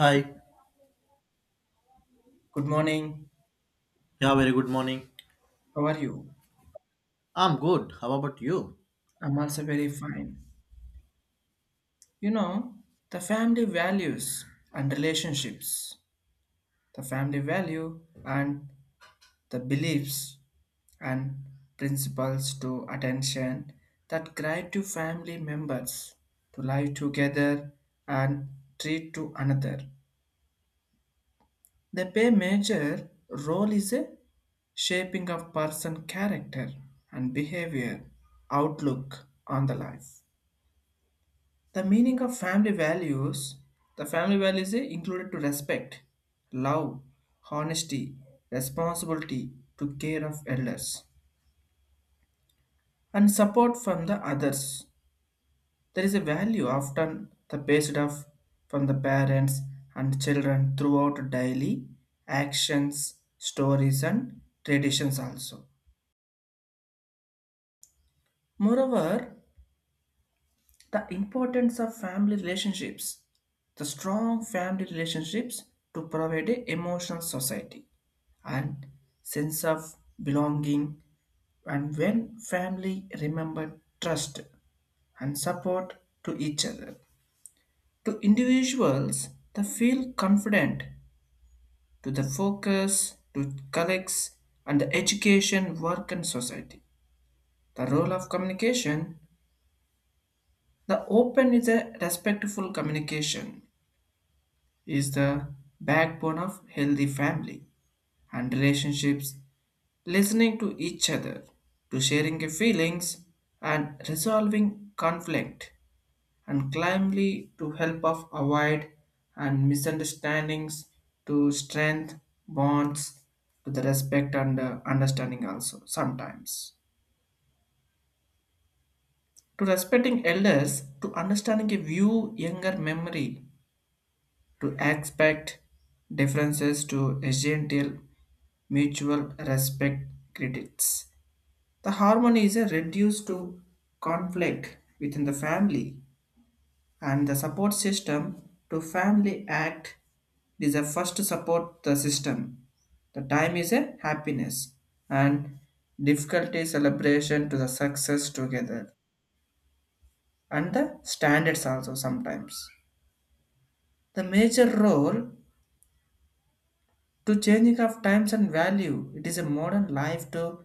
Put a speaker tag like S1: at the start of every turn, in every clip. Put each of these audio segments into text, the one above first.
S1: Hi.
S2: Good morning.
S1: Yeah, very good morning.
S2: How are you?
S1: I'm good. How about you?
S2: I'm also very fine. You know, the family values and relationships, the family value and the beliefs and principles to attention that guide to family members to live together and treat to another. They play major role is a shaping of person character and behavior outlook on the life. The meaning of family values the family values is included to respect, love, honesty, responsibility to care of elders, and support from the others. There is a value often the based off from the parents and children throughout daily actions, stories, and traditions also. Moreover, the importance of family relationships, the strong family relationships to provide a emotional society and sense of belonging, and when family remember trust and support to each other to individuals, they feel confident to the focus to colleagues and the education work and society. The role of communication, the open is a respectful communication is the backbone of healthy family and relationships, listening to each other, to sharing your feelings and resolving conflict and climbly to help of avoid and misunderstandings to strength bonds to the respect and understanding also sometimes, to respecting elders, to understanding a view younger memory, to expect differences to a gentle mutual respect credits. The harmony is reduced to conflict within the family, and the support system to family act is a first support the system. The time is a happiness and difficulty celebration to the success together and the standards also sometimes. The major role to changing of times and value. It is a modern life to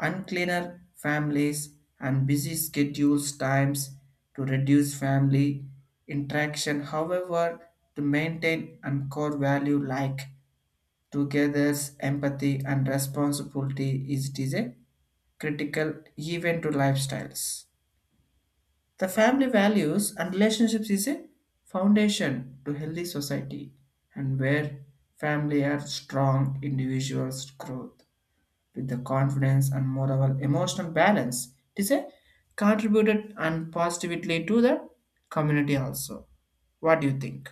S2: uncleaner families and busy schedules times to reduce family interaction. However, to maintain and core value like togethers empathy and responsibility is, it is a critical even to lifestyles. The family values and relationships is a foundation to healthy society, and where family are strong, individuals growth with the confidence and more of an emotional balance. It is a contributed and positively to the community also. What do you think?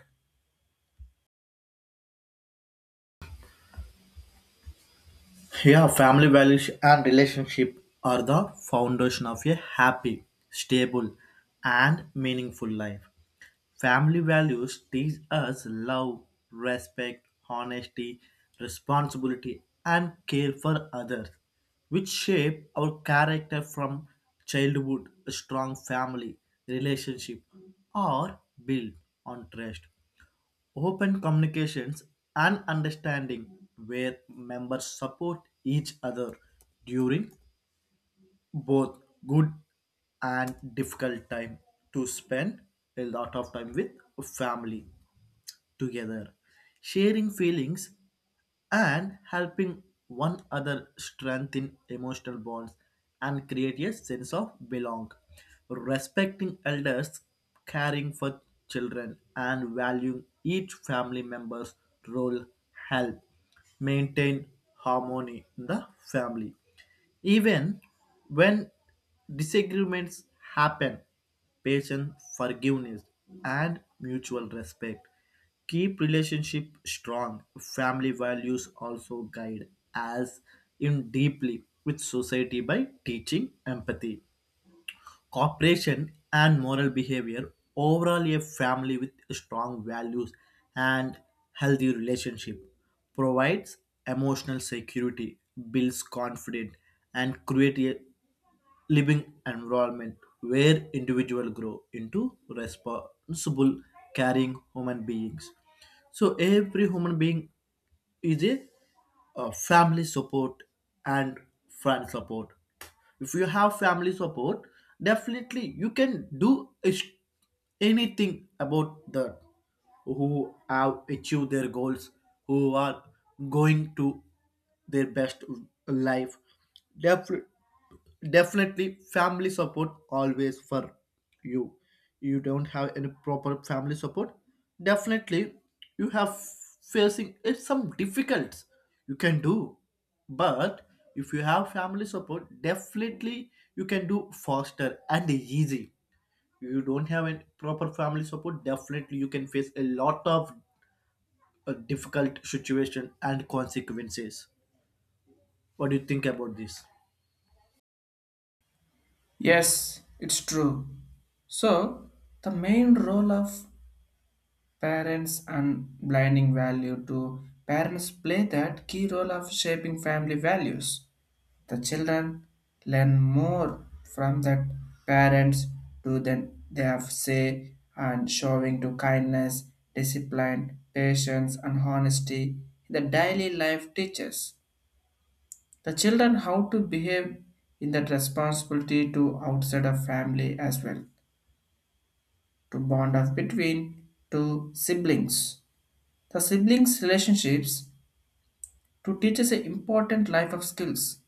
S1: Yeah, family values and relationship are the foundation of a happy, stable, and meaningful life. Family values teach us love, respect, honesty, responsibility, and care for others, which shape our character from childhood. A strong family relationship are built on trust, open communications, and understanding, where members support each other during both good and difficult time, to spend a lot of time with family together, sharing feelings and helping one another strengthen emotional bonds and create a sense of belong. Respecting elders, caring for children, and valuing each family member's role help maintain harmony in the family. Even when disagreements happen, patience, forgiveness, and mutual respect keep relationship strong. Family values also guide as in deeply with society by teaching empathy, cooperation, and moral behavior. Overall, a family with strong values and healthy relationship provides emotional security, builds confidence, and creates a living environment where individuals grow into responsible, caring human beings. So every human being is a family support and friend support. If you have family support, definitely you can do is- anything. About the who have achieved their goals, who are going to their best life, definitely, family support always for you. You don't have any proper family support, definitely you have facing some difficulties you can do, but if you have family support, definitely you can do faster and easy. You don't have any proper family support, definitely you can face a lot of difficult situation and consequences. What do you think about this?
S2: Yes, it's true. So, the main role of parents and blinding value to parents play that key role of shaping family values. The children learn more from their parents to than they have say and showing to kindness, discipline, patience and honesty in the daily life teaches. The children how to behave in that responsibility to outside of family as well, to bond of between two siblings. The siblings relationships to teach us an important life of skills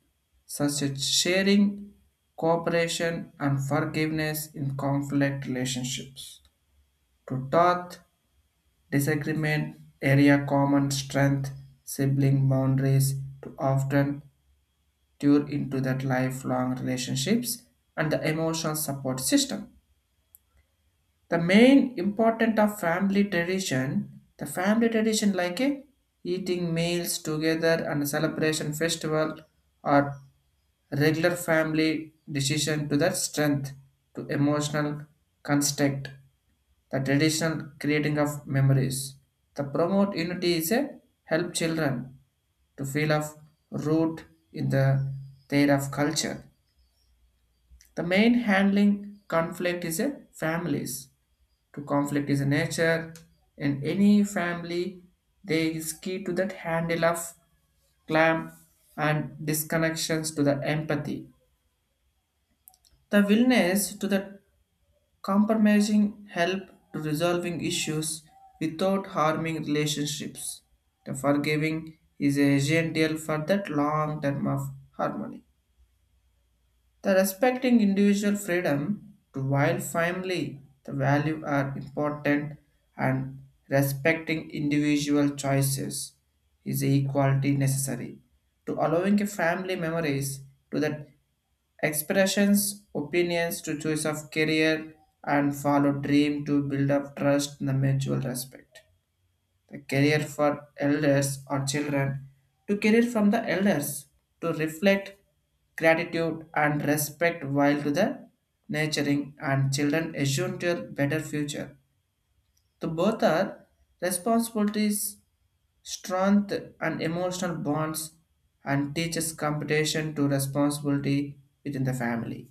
S2: such as sharing, cooperation, and forgiveness in conflict relationships. To taught disagreement, area common strength, sibling boundaries to often due into that lifelong relationships and the emotional support system. The main important of family tradition, the family tradition like a eating meals together and celebration festival or regular family decision to the strength to emotional construct. The traditional creating of memories, the promote unity is a help children to feel of root in the their of culture. The main handling conflict is a families, to conflict is a nature in any family. They is key to that handle of clamp and disconnections to the empathy, the willingness to the compromising help to resolving issues without harming relationships. The forgiving is essential for that long term of harmony. The respecting individual freedom to while family the value are important, and respecting individual choices is equality necessary to allowing a family memories to that expressions, opinions to choice of career and follow dream to build up trust and the mutual respect. The career for elders or children, to career from the elders to reflect gratitude and respect while to the nurturing and children assume to a better future. The both are responsibilities, strength and emotional bonds, and teaches competition to responsibility within the family.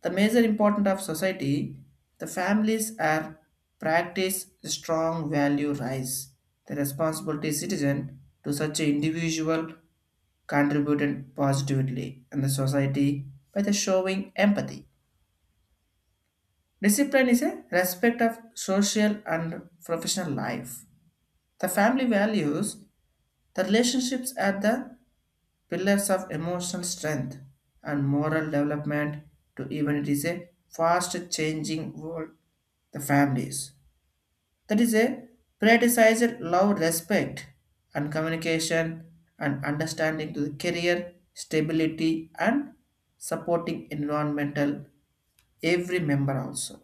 S2: The major importance of society, the families are practice strong value rise. The responsibility citizen to such an individual contributed positively in the society by the showing empathy. Discipline is a respect of social and professional life. The family values, the relationships at the pillars of emotional strength and moral development to even it is a fast changing world. The families that is a prioritized love respect and communication and understanding to the career stability and supporting environmental every member also.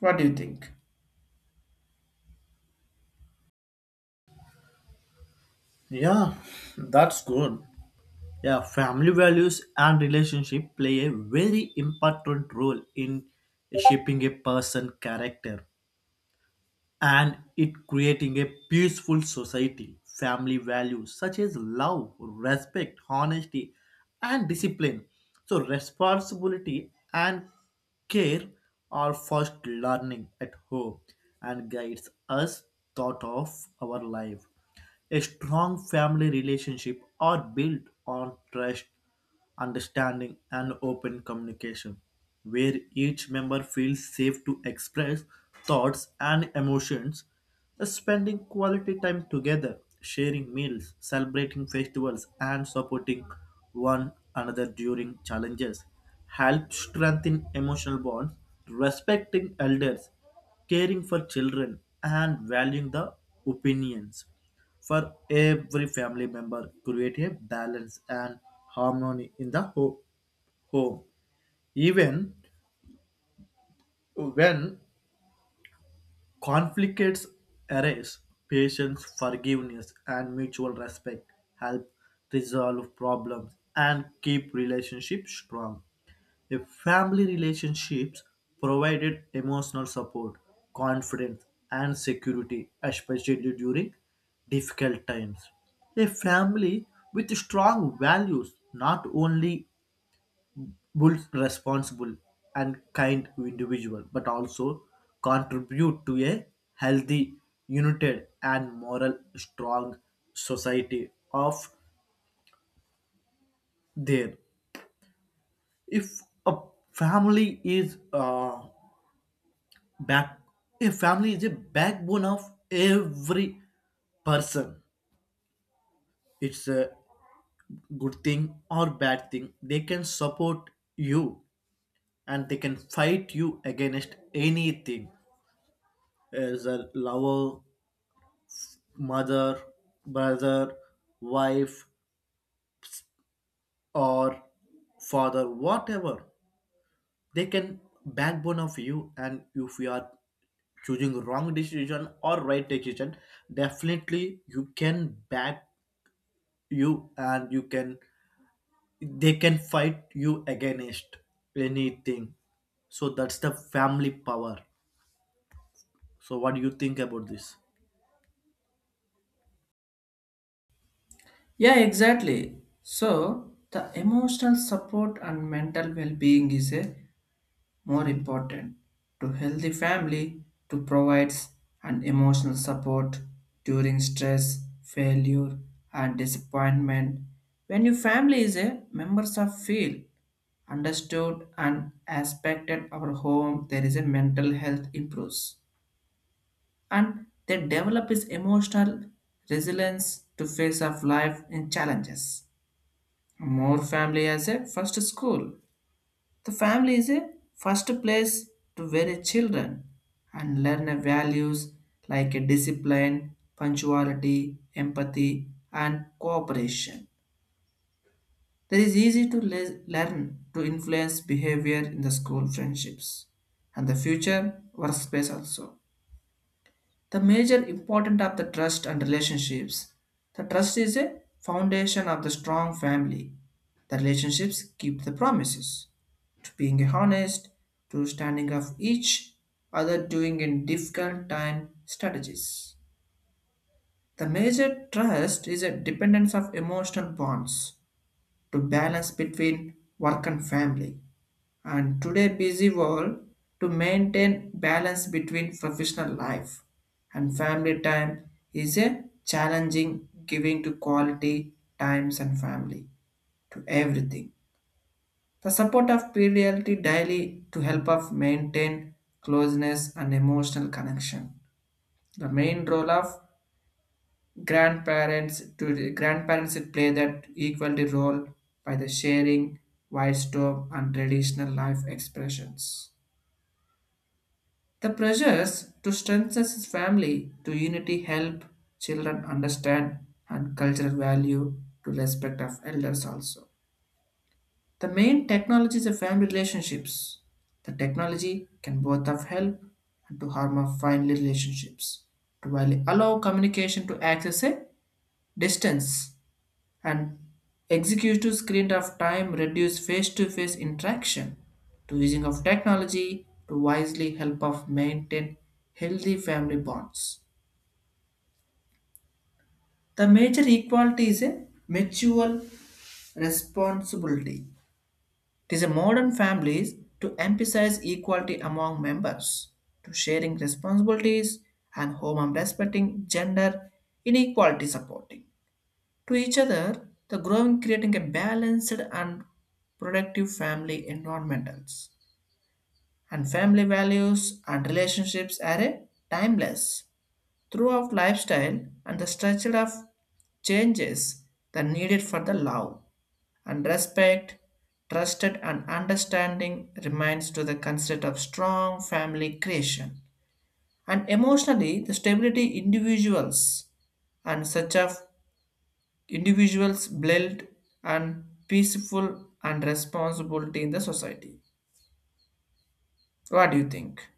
S2: What do you think?
S1: Yeah, that's good. Yeah, family values and relationship play a very important role in shaping a person's character, and it creating a peaceful society. Family values such as love, respect, honesty, and discipline, so responsibility and care, are first learning at home and guides us thought of our life. A strong family relationship are built on trust, understanding, and open communication, where each member feels safe to express thoughts and emotions. Spending quality time together, sharing meals, celebrating festivals, and supporting one another during challenges helps strengthen emotional bonds. Respecting elders, caring for children, and valuing the opinions for every family member create a balance and harmony in the home. Even when conflicts arise, patience, forgiveness, and mutual respect help resolve problems and keep relationships strong. If family relationships provided emotional support, confidence, and security, especially during difficult times. A family with strong values not only builds responsible and kind individual but also contribute to a healthy, united, and moral strong society of there. If a family is back a family is a backbone of every person, it's a good thing or bad thing, they can support you, and they can fight you against anything, as a lover, mother, brother, wife, or father, whatever. They can backbone of you, and if you are choosing wrong decision or right decision, definitely you can back you, and you can they can fight you against anything. So that's the family power. So what do you think about this?
S2: Yeah, exactly. So, the emotional support and mental well being is a more important to healthy family to provides an emotional support during stress failure and disappointment. When your family is a members of feel understood and respected, our home there is a mental health improves, and they develop is emotional resilience to face of life in challenges. More family as a first school, the family is a first place to where a children and learn a values like a discipline, punctuality, empathy, and cooperation. There is easy to learn to influence behavior in the school friendships and the future workspace also. The major important of the trust and relationships. The trust is a foundation of the strong family. The relationships keep the promises to being honest, to standing up each other during in difficult time strategies. The major trust is a dependence of emotional bonds to balance between work and family. And today busy world to maintain balance between professional life and family time is a challenging, giving to quality times and family to everything. The support of PLT daily to help us maintain closeness and emotional connection. The main role of grandparents, to grandparents it play that equality role by the sharing, wisdom, and traditional life expressions. The pressures to strengthen his family to unity help children understand and cultural value to respect of elders also. The main technologies of family relationships. The technology can both of help and to harm of family relationships, to while allow communication to access a distance, and executive screen of time reduce face-to-face interaction. To using of technology to wisely help of maintain healthy family bonds. The major equality is a mutual responsibility. It is a modern families to emphasize equality among members, to sharing responsibilities and home and respecting gender inequality supporting to each other, the growing creating a balanced and productive family environmentals. And family values and relationships are a timeless throughout lifestyle, and the structure of changes that needed for the love and respect, trusted and understanding remains to the concept of strong family creation. And emotionally, the stability individuals and such of individuals build and peaceful and responsibility in the society. What do you think?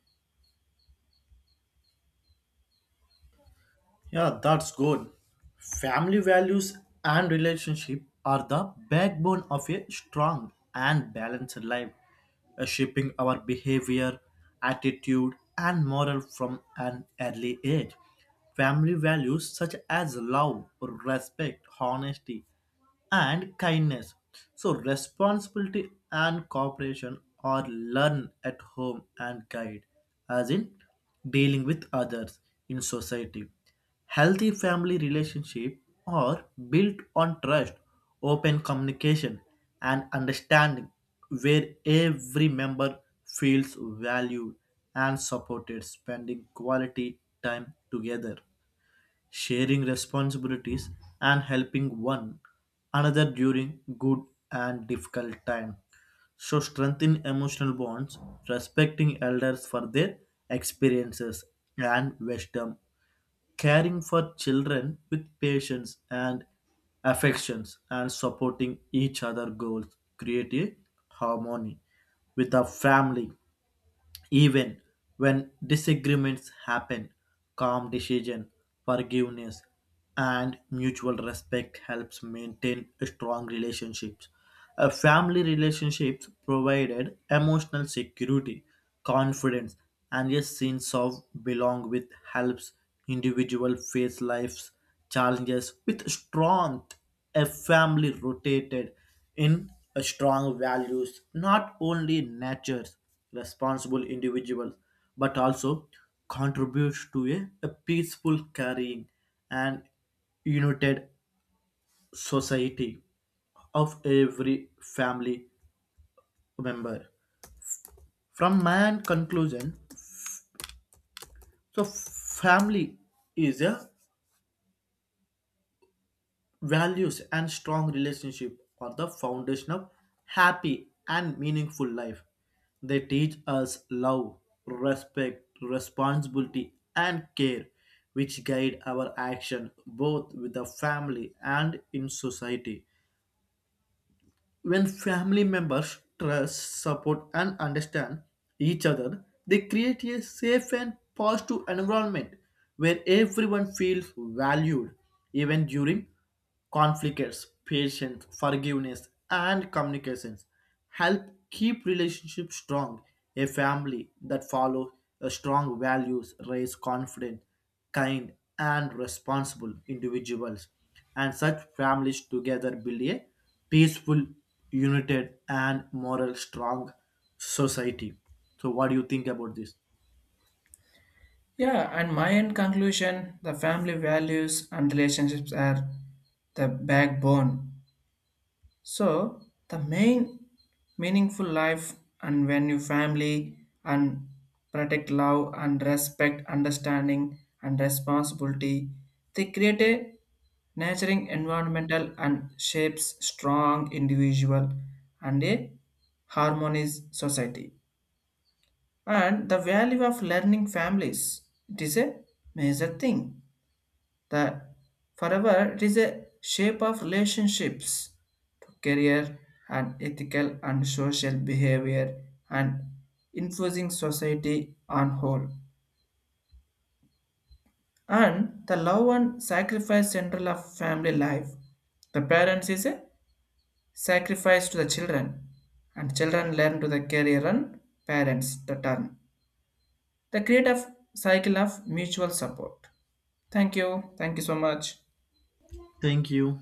S1: Yeah, that's good. Family values and relationship are the backbone of a strong and balanced life, shaping our behavior, attitude, and moral from an early age. Family values such as love, respect, honesty, and kindness. So, responsibility and cooperation are learned at home and guide, as in dealing with others in society. Healthy family relationship are built on trust, open communication, and understanding, where every member feels valued and supported, spending quality time together, sharing responsibilities and helping one another during good and difficult time, so strengthen emotional bonds, respecting elders for their experiences and wisdom, caring for children with patience and affections, and supporting each other goals create a harmony with a family. Even when disagreements happen, calm decision, forgiveness, and mutual respect helps maintain strong relationships. A family relationships provided emotional security, confidence, and a sense of belong with helps individual face life's challenges with strength. A family rotated in a strong values, not only natures responsible individuals, but also contributes to a peaceful carrying and united society of every family member. From my conclusion, so family is a values and strong relationship are the foundation of happy and meaningful life. They teach us love, respect, responsibility, and care, which guide our action both with the family and in society. When family members trust, support, and understand each other, they create a safe and positive environment where everyone feels valued. Even during conflicts, patience, forgiveness, and communications help keep relationships strong. A family that follows a strong values raise confidence, kind, and responsible individuals. And such families together build a peaceful, united, and moral strong society. So, what do you think about this?
S2: Yeah, and my end conclusion, the family values and relationships are the backbone. So the main meaningful life, and when you family and protect love and respect, understanding and responsibility, they create a nurturing environmental and shapes strong individual and a harmonious society. And the value of learning families, it is a major thing. The forever it is a shape of relationships to career and ethical and social behavior and influencing society on whole. And the love and sacrifice central of family life. The parents is a sacrifice to the children, and children learn to the career and parents the turn. The create of cycle of mutual support. Thank you. Thank you so much.
S1: Thank you.